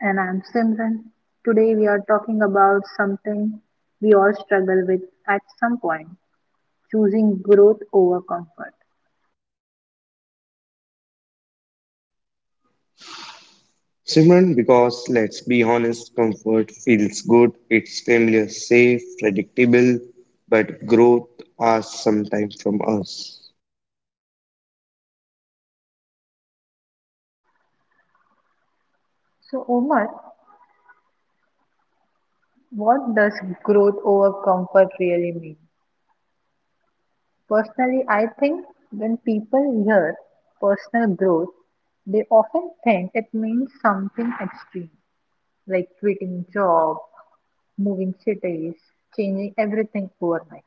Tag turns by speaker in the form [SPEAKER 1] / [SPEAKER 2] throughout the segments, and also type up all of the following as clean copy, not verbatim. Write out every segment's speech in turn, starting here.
[SPEAKER 1] And I'm Simran. Today we are talking about something we all struggle with at some point, choosing growth over comfort.
[SPEAKER 2] Simran, because let's be honest, comfort feels good, it's familiar, safe, predictable, but growth asks sometimes from us.
[SPEAKER 1] So, Omar, what does growth over comfort really mean? Personally, I think when people hear personal growth, they often think it means something extreme, like quitting job, moving cities, changing everything overnight.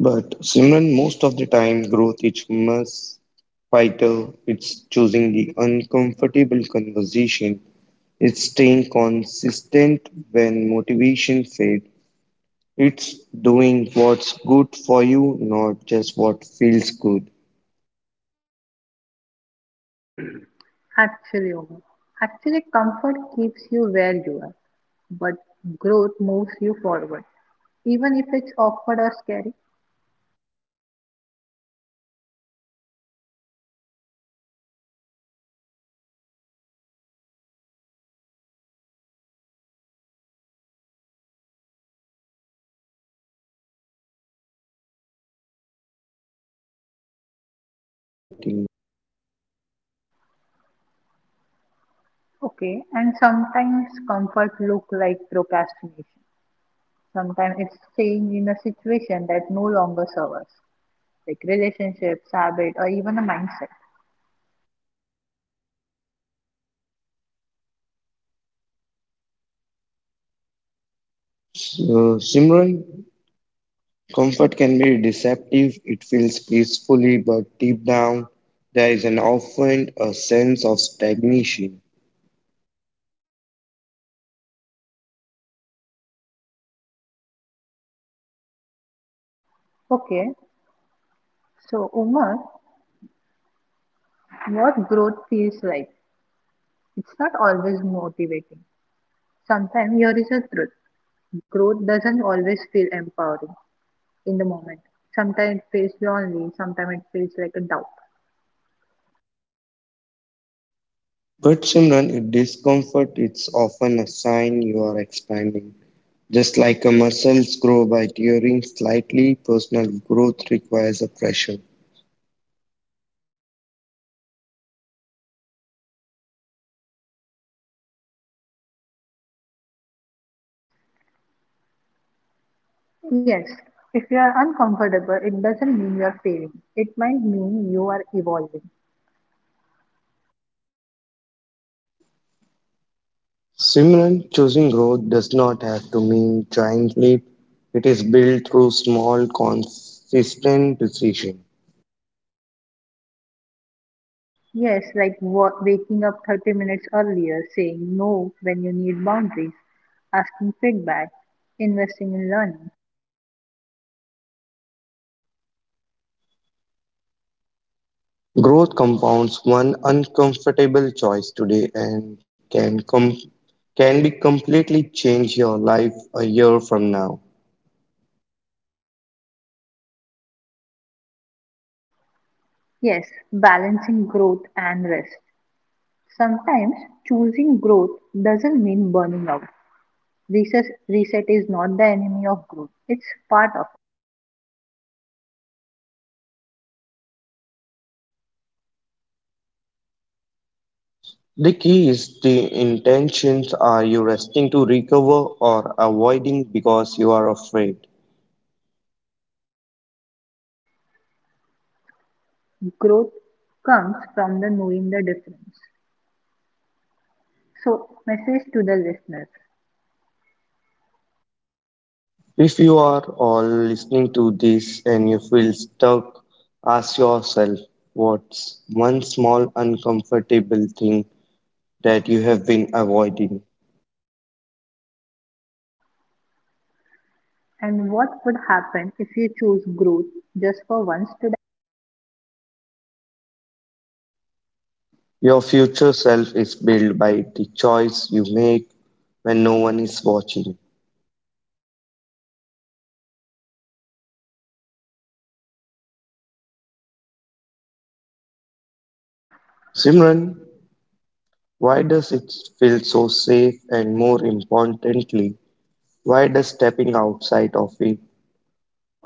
[SPEAKER 2] But Simran, most of the time, growth is must fighter, it's choosing the uncomfortable conversation, it's staying consistent when motivation fades, it's doing what's good for you, not just what feels good.
[SPEAKER 1] Actually, Omar, actually, comfort keeps you where you are, but growth moves you forward, even if it's awkward or scary.
[SPEAKER 2] Simran, we choose comfort because our brains are wired for safety. Familiar routines feel secure even if they are limiting.
[SPEAKER 1] Okay, and sometimes comfort look like procrastination. Sometimes it's change in a situation that no longer serves us, like relationships, habit, or even a mindset.
[SPEAKER 2] So, Simran, comfort can be deceptive. It feels peacefully, but deep down, there is an often a sense of stagnation.
[SPEAKER 1] Okay, so Umar, what growth feels like? It's not always motivating. Sometimes here is a truth. Growth doesn't always feel empowering in the moment. Sometimes it feels lonely, sometimes it feels like a doubt.
[SPEAKER 2] But Simran, if discomfort, it's often a sign you are expanding. Just like a muscles grow by tearing slightly, personal growth requires a pressure.
[SPEAKER 1] Yes, if you are uncomfortable, it doesn't mean you are failing. It might mean you are evolving.
[SPEAKER 2] Simran, choosing growth does not have to mean giant leap. It is built through small, consistent decision.
[SPEAKER 1] Yes, like waking up 30 minutes earlier, saying no when you need boundaries, asking feedback, investing in learning.
[SPEAKER 2] Growth compounds one uncomfortable choice today and can be completely change your life a year from now.
[SPEAKER 1] Yes, balancing growth and rest. Sometimes choosing growth doesn't mean burning out. Reset, reset is not the enemy of growth, it's part of.
[SPEAKER 2] The key is the intentions are you resting to recover or avoiding because you are afraid?
[SPEAKER 1] Growth comes from the knowing the difference. So, message to the listeners.
[SPEAKER 2] If you are all listening to this and you feel stuck, ask yourself what's one small uncomfortable thing that you have been avoiding.
[SPEAKER 1] And what would happen if you choose growth just for once today?
[SPEAKER 2] Your future self is built by the choice you make when no one is watching. Simran, why does it feel so safe and more importantly, why does stepping outside of it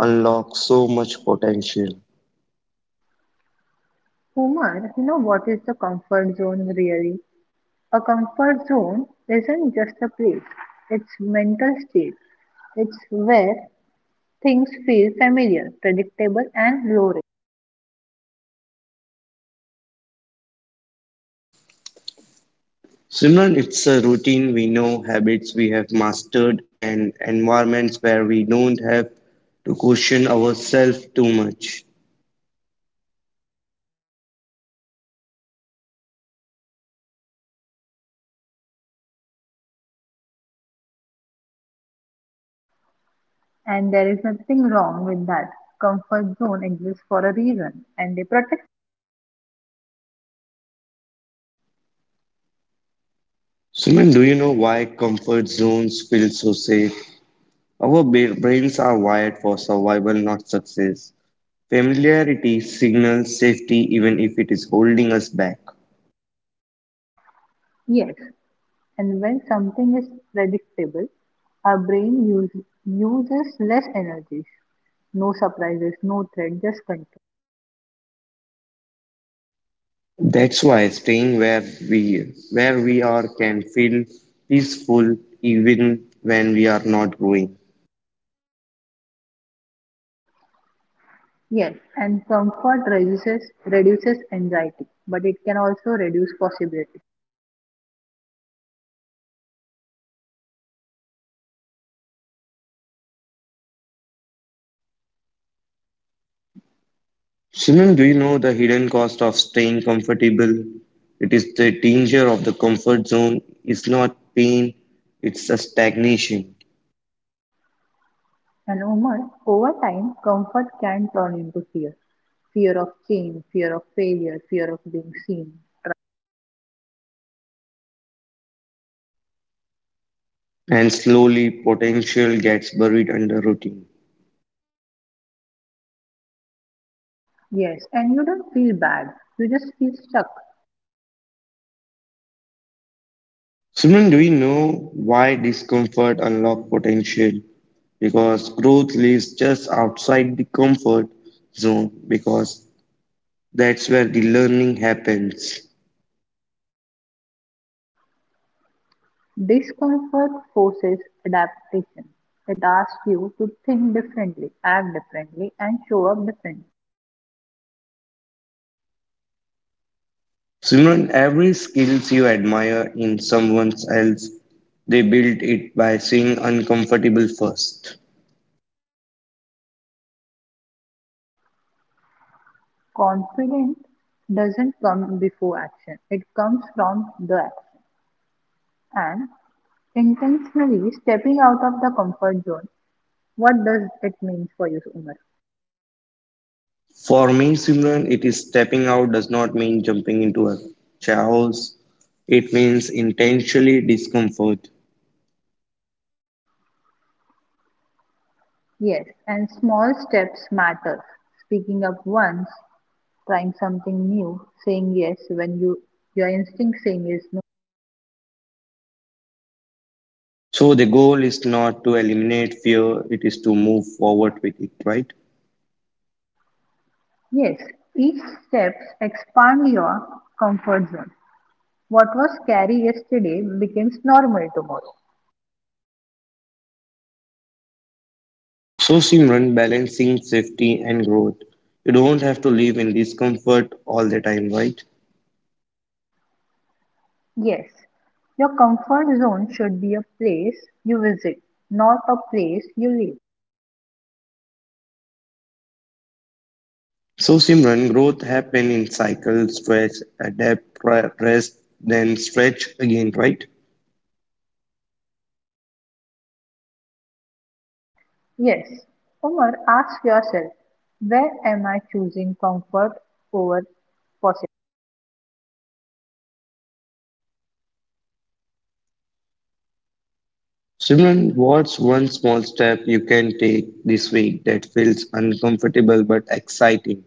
[SPEAKER 2] unlock so much potential?
[SPEAKER 1] Umar, you know what is the comfort zone really? A comfort zone isn't just a place, it's mental state. It's where things feel familiar, predictable and low risk.
[SPEAKER 2] Simran, it's a routine we know, habits we have mastered, and environments where we don't have to question ourselves too much.
[SPEAKER 1] And there is nothing wrong with that. Comfort zone exists for a reason and they protect.
[SPEAKER 2] Simran, do you know why comfort zones feel so safe? Our brains are wired for survival, not success. Familiarity signals safety even if it is holding us back.
[SPEAKER 1] Yes, and when something is predictable, our brain use, uses less energies. No surprises, no threat, just control.
[SPEAKER 2] That's why staying where we are can feel peaceful even when we are not growing.
[SPEAKER 1] Yes, and comfort reduces anxiety, but it can also reduce possibility.
[SPEAKER 2] Simon, do you know the hidden cost of staying comfortable? It is the danger of the comfort zone. It's not pain, it's a stagnation.
[SPEAKER 1] And Umar, over time, comfort can turn into fear. Fear of change, fear of failure, fear of being seen.
[SPEAKER 2] And slowly, potential gets buried under routine.
[SPEAKER 1] Yes, and you don't feel bad. You just feel stuck.
[SPEAKER 2] Simon, do you know why discomfort unlocks potential? Because growth lives just outside the comfort zone, because that's where the learning happens.
[SPEAKER 1] Discomfort forces adaptation; it asks you to think differently, act differently, and show up differently.
[SPEAKER 2] Simran, every skills you admire in someone else, they build it by seeing uncomfortable first.
[SPEAKER 1] Confidence doesn't come before action, it comes from the action. And intentionally stepping out of the comfort zone, what does it mean for you, Umar?
[SPEAKER 2] For me, Simran, it is stepping out does not mean jumping into a chaos. It means intentionally discomfort.
[SPEAKER 1] Yes, and small steps matter. Speaking up once, trying something new, saying yes when you your instinct saying is no.
[SPEAKER 2] So the goal is not to eliminate fear, it is to move forward with it, right?
[SPEAKER 1] Yes, each step expands your comfort zone. What was scary yesterday becomes normal tomorrow.
[SPEAKER 2] So Simran, balancing safety and growth. You don't have to live in discomfort all the time, right?
[SPEAKER 1] Yes, your comfort zone should be a place you visit, not a place you live.
[SPEAKER 2] So, Simran, growth happen in cycles, stretch, adapt, rest, then stretch again, right?
[SPEAKER 1] Yes, Umar, ask yourself, where am I choosing comfort over possibility?
[SPEAKER 2] Simran, what's one small step you can take this week that feels uncomfortable but exciting?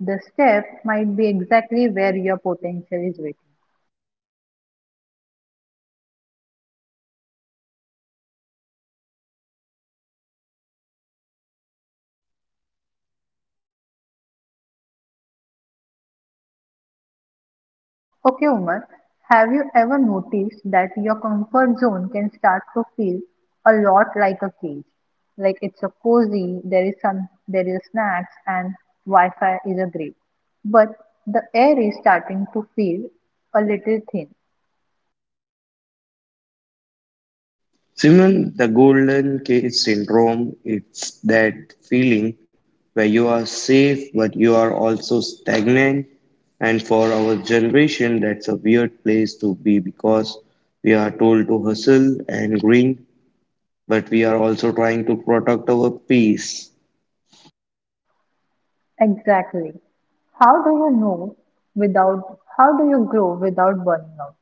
[SPEAKER 1] The step might be exactly where your potential is waiting. Okay, Umar, have you ever noticed that your comfort zone can start to feel a lot like a cage? Like it's a cozy, there is some, there is snacks, and Wi-Fi is a great. But the air is starting to feel a little thin.
[SPEAKER 2] Simran, the golden cage syndrome, it's that feeling where you are safe but you are also stagnant. And for our generation, that's a weird place to be because we are told to hustle and grind but we are also trying to protect our peace.
[SPEAKER 1] Exactly. How do you know without, how do you grow without burning out?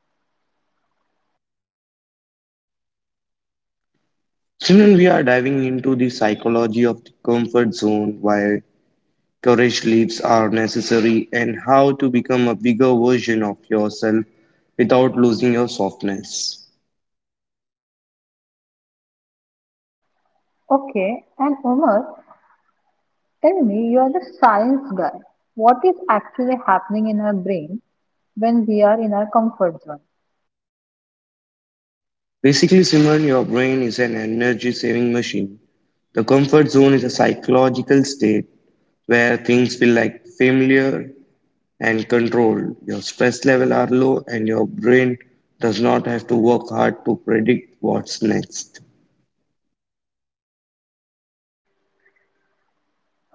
[SPEAKER 2] Soon we are diving into the psychology of the comfort zone, why courage leaps are necessary, and how to become a bigger version of yourself without losing your softness.
[SPEAKER 1] Okay, and Umar, tell me, you are the science guy. What is actually happening in our brain when we are in our comfort zone?
[SPEAKER 2] Basically, Simran, your brain is an energy saving machine. The comfort zone is a psychological state where things feel like familiar and controlled. Your stress level are low and your brain does not have to work hard to predict what's next.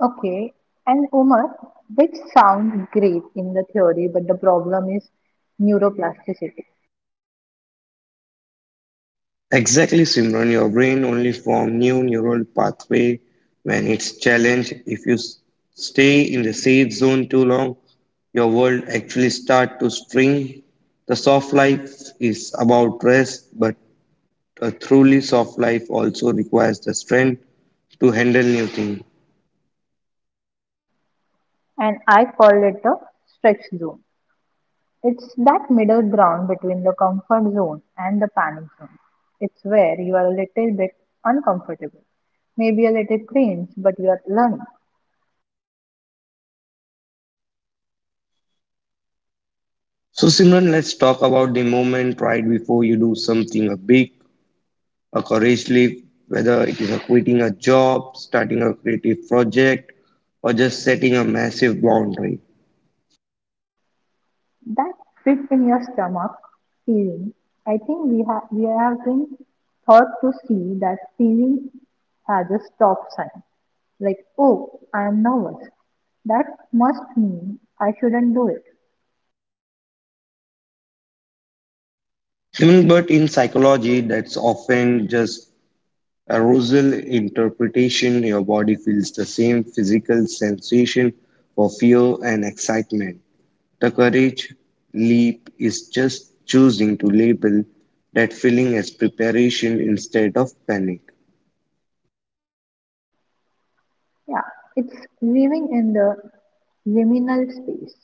[SPEAKER 1] Okay, and Umar, which sounds great in the theory, but the problem is neuroplasticity.
[SPEAKER 2] Exactly, Simran, your brain only form new neural pathway when it's challenged. If you s- stay in the safe zone too long, your world actually start to spring. The soft life is about rest, but a truly soft life also requires the strength to handle new things.
[SPEAKER 1] And I call it the stretch zone. It's that middle ground between the comfort zone and the panic zone. It's where you are a little bit uncomfortable, maybe a little cringe, but you are learning.
[SPEAKER 2] So, Simran, let's talk about the moment right before you do something a big, a courage leap, whether it is a quitting a job, starting a creative project, or just setting a massive boundary.
[SPEAKER 1] That fit in your stomach feeling, I think we have been taught to see that feeling as a stop sign. Like, oh, I am nervous. That must mean I shouldn't do it.
[SPEAKER 2] Simran, but in psychology, that's often just arousal interpretation. Your body feels the same physical sensation for fear and excitement. The courage leap is just choosing to label that feeling as preparation instead of panic.
[SPEAKER 1] Yeah, it's living in the liminal space,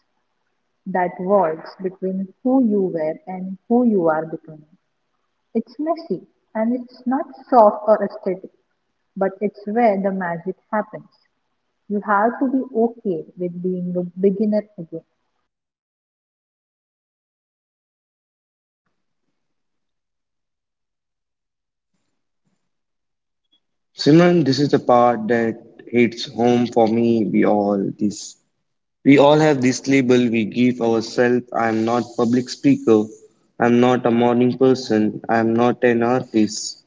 [SPEAKER 1] that walls between who you were and who you are becoming. It's messy and it's not soft or aesthetic, but it's where the magic happens. You have to be okay with being a beginner again.
[SPEAKER 2] Simran, this is the part that hits home for me. We all have this label we give ourselves. I'm not public speaker. I'm not a morning person. I'm not an artist.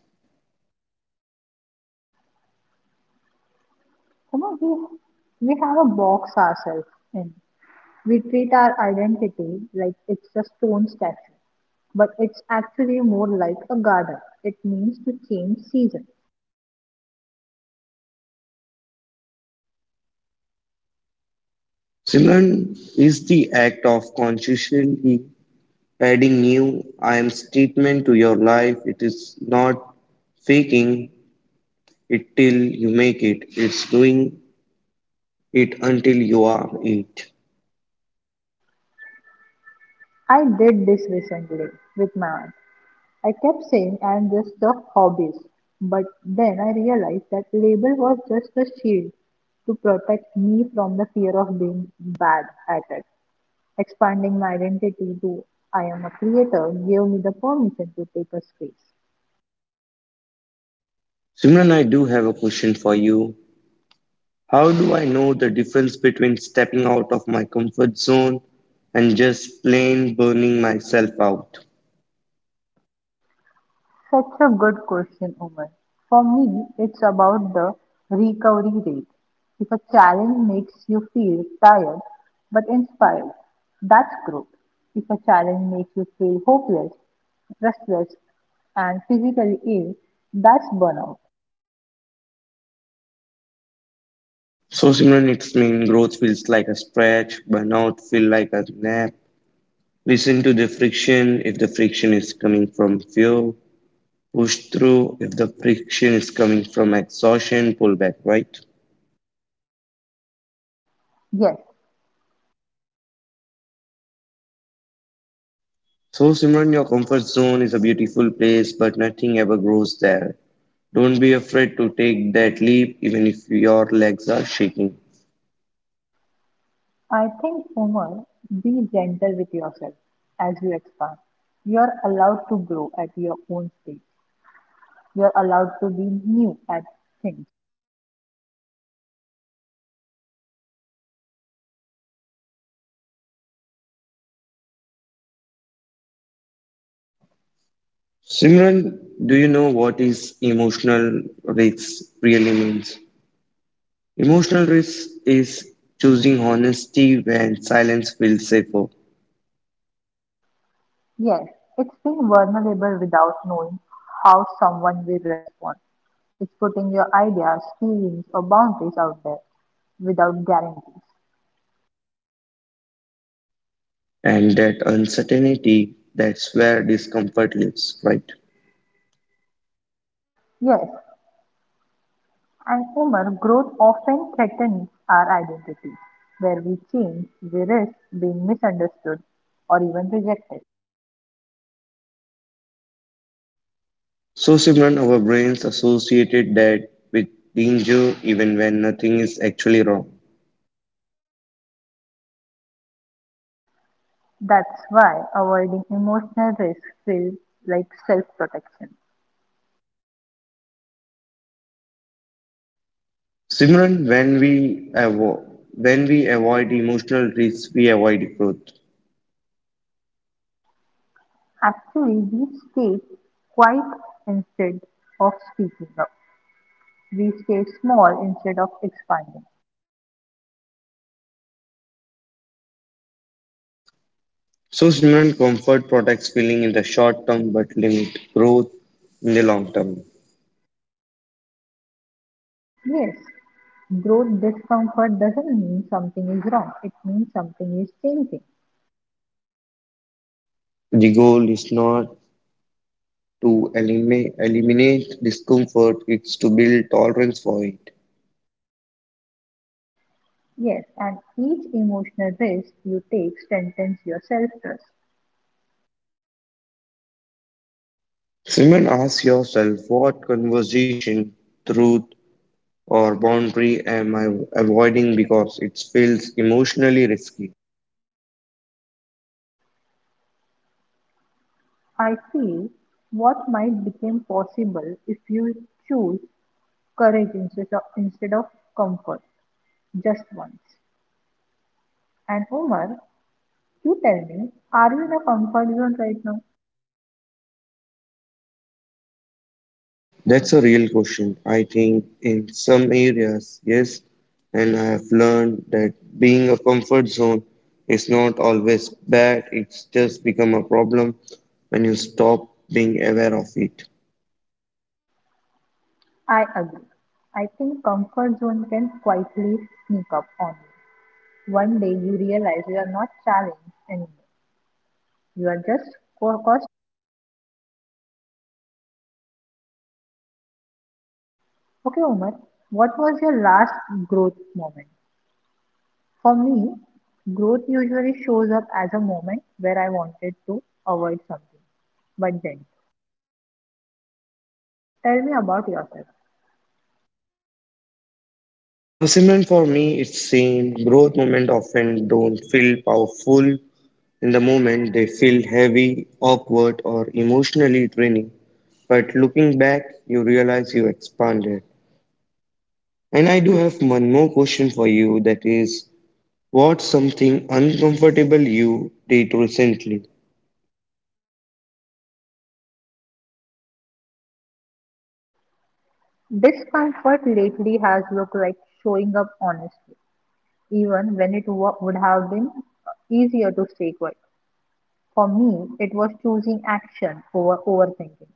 [SPEAKER 1] Come on, we have a box ourselves in. We treat our identity like it's a stone statue, but it's actually more like a garden. It means to change season.
[SPEAKER 2] Simran is the act of consciously adding new I am statement to your life. It is not faking it till you make it. It's doing it until you are it.
[SPEAKER 1] I did this recently with my aunt. I kept saying I'm just a hobbyist, but then I realized that label was just a shield to protect me from the fear of being bad at it. Expanding my identity to I am a creator gave me the permission to take a space.
[SPEAKER 2] Simran, I do have a question for you. How do I know the difference between stepping out of my comfort zone and just plain burning myself out?
[SPEAKER 1] Such a good question, Umar. For me, it's about the recovery rate. If a challenge makes you feel tired but inspired, that's growth. If a challenge makes you feel hopeless, restless, and physically ill, that's burnout.
[SPEAKER 2] So Simran, it's mean growth feels like a stretch, burnout feel like a nap. Listen to the friction if the friction is coming from fear, push through if the friction is coming from exhaustion, pull back, right?
[SPEAKER 1] Yes,
[SPEAKER 2] So Simran, your comfort zone is a beautiful place, but nothing ever grows there. Don't be afraid to take that leap even if your legs are shaking.
[SPEAKER 1] I think, Umar, be gentle with yourself as you expand. You're allowed to grow at your own pace. You're allowed to be new at things.
[SPEAKER 2] Simran, do you know what is emotional risk really means? Emotional risk is choosing honesty when silence feels safer,
[SPEAKER 1] Yes, it's being vulnerable without knowing how someone will respond. It's putting your ideas, feelings, or boundaries out there without guarantees.
[SPEAKER 2] and that uncertainty that's where discomfort lives, right?
[SPEAKER 1] Yes, and Umar, growth often threatens our identity, where we change, we risk being misunderstood or even rejected.
[SPEAKER 2] So, Simran, our brains associated that with danger even when nothing is actually wrong.
[SPEAKER 1] That's why avoiding emotional risk feels like self protection.
[SPEAKER 2] Simran, when we avoid emotional risks, we avoid growth.
[SPEAKER 1] Actually, we stay quiet instead of speaking up. We stay small instead of expanding.
[SPEAKER 2] So, Simran, comfort protects feeling in the short term but limit growth in the long term.
[SPEAKER 1] Yes, growth discomfort doesn't mean something is wrong, it means something is changing.
[SPEAKER 2] The goal is not to eliminate discomfort, it's to build tolerance for it.
[SPEAKER 1] Yes, and each emotional risk you take strengthens your self trust.
[SPEAKER 2] Simran, ask yourself what conversation, truth, or boundary am I avoiding because it feels emotionally risky?
[SPEAKER 1] I feel what might become possible if you choose courage instead of comfort. Just once. And Omar, you tell me, are you in a comfort zone right now?
[SPEAKER 2] That's a real question. I think in some areas, yes, and I have learned that being a comfort zone is not always bad, it's just become a problem when you stop being aware of it.
[SPEAKER 1] I agree. I think comfort zone can quietly sneak up on you. One day you realize you are not challenged anymore. You are just cost. Okay, Omar, what was your last growth moment? For me, growth usually shows up as a moment where I wanted to avoid something. But then, tell me about yourself.
[SPEAKER 2] Personally, for me, it's same. Growth moment often don't feel powerful in the moment, they feel heavy, awkward, or emotionally draining. But looking back, you realize you expanded. And I do have one more question for you that is, what's something uncomfortable you did recently?
[SPEAKER 1] Discomfort lately has looked like showing up honestly, even when it wa would have been easier to stay quiet. For me, it was choosing action over overthinking.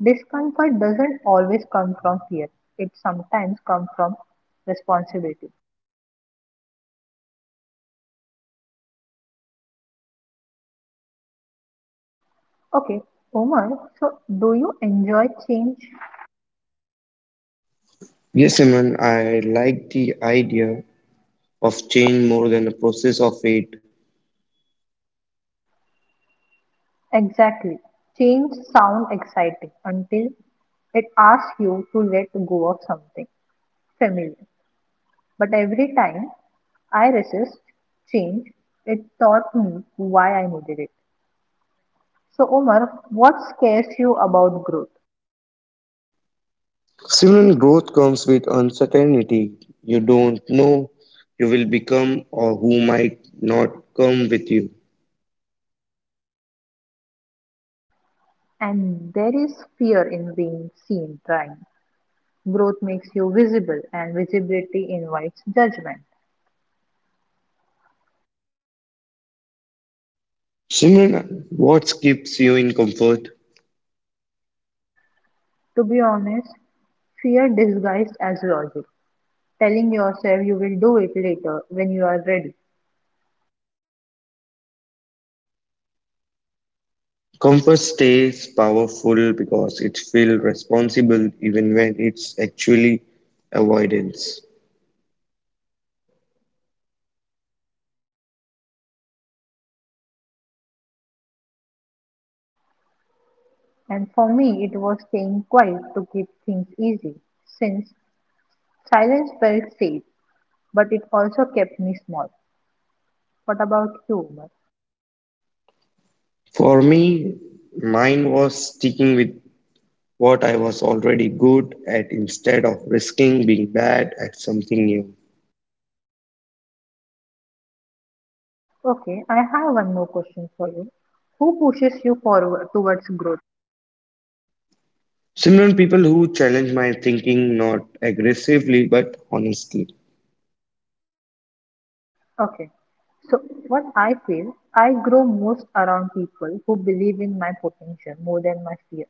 [SPEAKER 1] Discomfort doesn't always come from fear, it sometimes comes from responsibility. Okay, Omar, so do you enjoy change?
[SPEAKER 2] Yes, Simran, I like the idea of change more than the process of it.
[SPEAKER 1] Exactly. Change sounds exciting until it asks you to let go of something familiar. But every time I resist change, it taught me why I needed it. So, Omar, what scares you about growth?
[SPEAKER 2] Simran, growth comes with uncertainty. You don't know you will become or who might not come with you.
[SPEAKER 1] And there is fear in being seen trying. Growth makes you visible, and visibility invites judgment.
[SPEAKER 2] Simran, what keeps you in comfort?
[SPEAKER 1] To be honest, fear disguised as logic, telling yourself you will do it later when you are ready.
[SPEAKER 2] Comfort stays powerful because it feels responsible even when it's actually avoidance.
[SPEAKER 1] And for me, it was staying quiet to keep things easy, since silence felt safe, but it also kept me small. What about you, Omar?
[SPEAKER 2] For me, mine was sticking with what I was already good at instead of risking being bad at something new.
[SPEAKER 1] Okay, I have one more question for you. Who pushes you forward towards growth?
[SPEAKER 2] Simran, people who challenge my thinking not aggressively but honestly.
[SPEAKER 1] Okay, so what I feel, I grow most around people who believe in my potential more than my fear.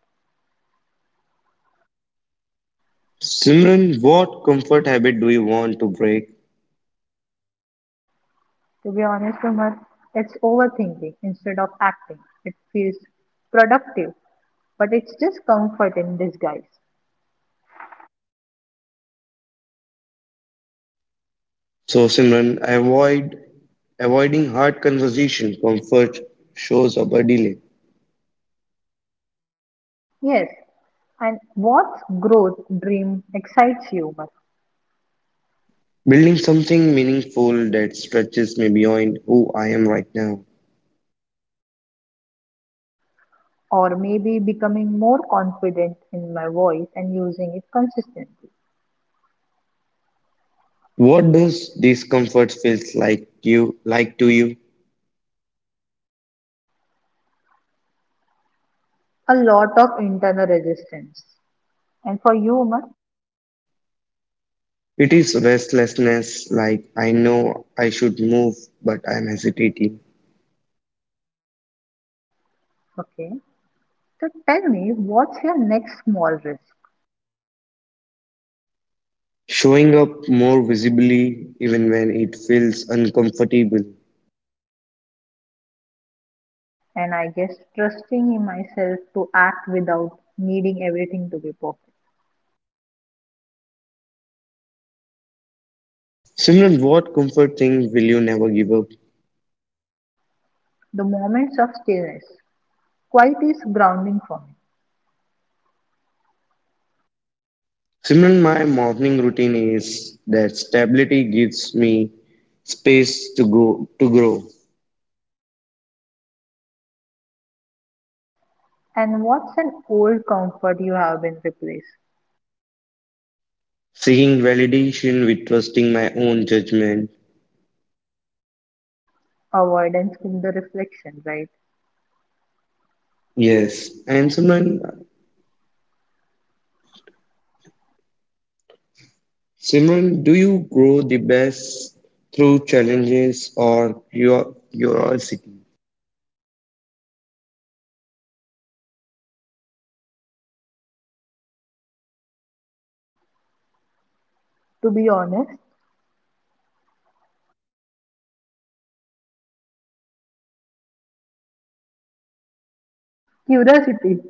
[SPEAKER 2] Simran, what comfort habit do you want to break?
[SPEAKER 1] To be honest, Umar, it's overthinking instead of acting. It feels productive, but it's just comfort in disguise.
[SPEAKER 2] So, Simran, avoiding hard conversation. Comfort shows up a delay.
[SPEAKER 1] Yes, and what growth dream excites you, Umar?
[SPEAKER 2] Building something meaningful that stretches me beyond who I am right now.
[SPEAKER 1] Or maybe becoming more confident in my voice and using it consistently.
[SPEAKER 2] What does discomfort feels like you like to you?
[SPEAKER 1] A lot of internal resistance. And for you, Umar?
[SPEAKER 2] It is restlessness, like I know I should move, but I'm hesitating.
[SPEAKER 1] Okay. So tell me, what's your next small risk?
[SPEAKER 2] Showing up more visibly even when it feels uncomfortable.
[SPEAKER 1] And I guess trusting in myself to act without needing everything to be perfect.
[SPEAKER 2] Simran, what comfort thing will you never give up?
[SPEAKER 1] The moments of stillness. Quiet is grounding for me.
[SPEAKER 2] Simran, my morning routine is that stability gives me space to go to grow.
[SPEAKER 1] And what's an old comfort you have been replaced?
[SPEAKER 2] Seeking validation with trusting my own judgment.
[SPEAKER 1] Avoidance with the reflection, right? Yes.
[SPEAKER 2] Yes, and
[SPEAKER 1] And
[SPEAKER 2] Simran, Simran, do you grow the best through challenges or your curiosity?
[SPEAKER 1] to be honest, curiosity.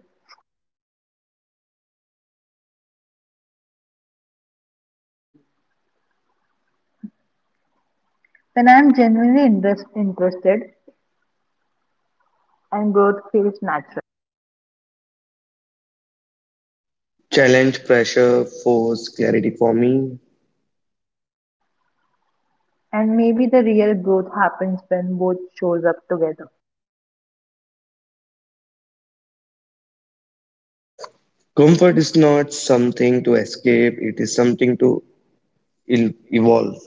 [SPEAKER 1] When I am genuinely interested and growth feels natural.
[SPEAKER 2] Challenge, pressure, force, clarity for me.
[SPEAKER 1] And maybe the real growth happens when both shows up together.
[SPEAKER 2] Comfort is not something to escape, it is something to evolve.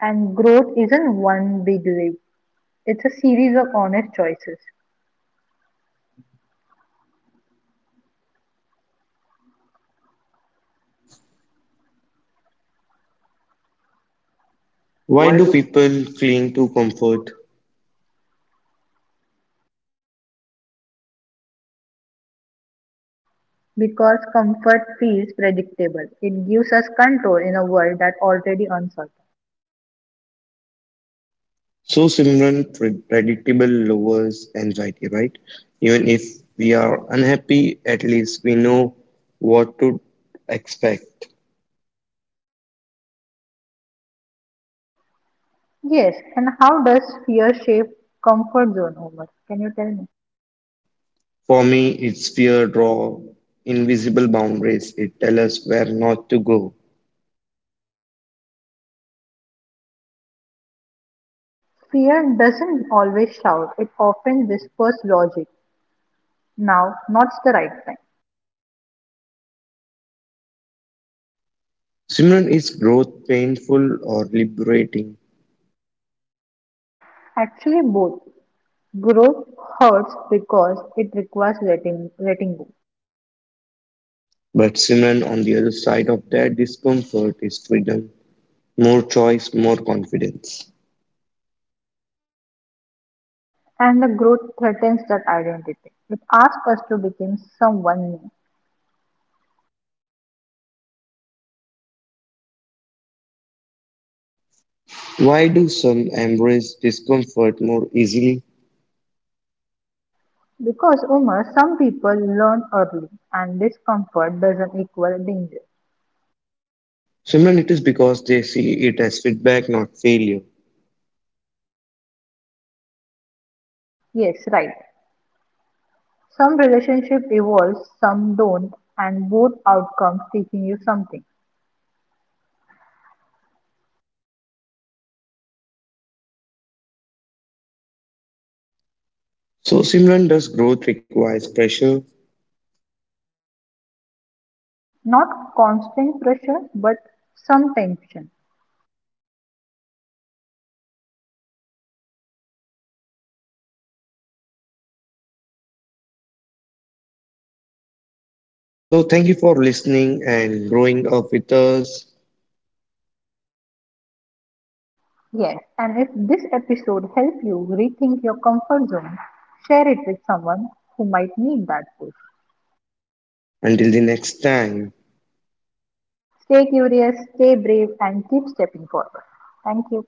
[SPEAKER 1] And growth isn't one big leap, it's a series of honest choices.
[SPEAKER 2] Why
[SPEAKER 1] Why
[SPEAKER 2] do
[SPEAKER 1] do.
[SPEAKER 2] people cling to comfort?
[SPEAKER 1] Because comfort feels predictable, it gives us control in a world that's already uncertain.
[SPEAKER 2] So, Simran, predictable lowers anxiety, right? Even if we are unhappy, at least we know what to expect.
[SPEAKER 1] Yes, and how does fear shape comfort zone, Omar? Can you tell me?
[SPEAKER 2] For me, it's fear draw invisible boundaries. It tells us where not to go.
[SPEAKER 1] Fear doesn't always shout, it often whispers logic. Now, now's the right time.
[SPEAKER 2] Simran, is growth painful or liberating?
[SPEAKER 1] Actually, both. Growth hurts because it requires letting go,
[SPEAKER 2] But Simran, on the other side of that discomfort is freedom, more choice, more confidence.
[SPEAKER 1] and the growth threatens that identity. It asks us to become someone new.
[SPEAKER 2] Why do some embrace discomfort more easily?
[SPEAKER 1] Because Umar, some people learn early, and discomfort doesn't equal danger.
[SPEAKER 2] Simran, it is because they see it as feedback, not failure.
[SPEAKER 1] Yes, right. Some relationship evolves, some don't, and both outcomes teaching you something.
[SPEAKER 2] So, Simran, does growth requires pressure?
[SPEAKER 1] Not constant pressure, but some tension.
[SPEAKER 2] So, thank you for listening and growing up with us.
[SPEAKER 1] Yes, and if this episode helped you rethink your comfort zone, share it with someone who might need that push.
[SPEAKER 2] Until the next time.
[SPEAKER 1] Stay curious, stay brave, and keep stepping forward. Thank you.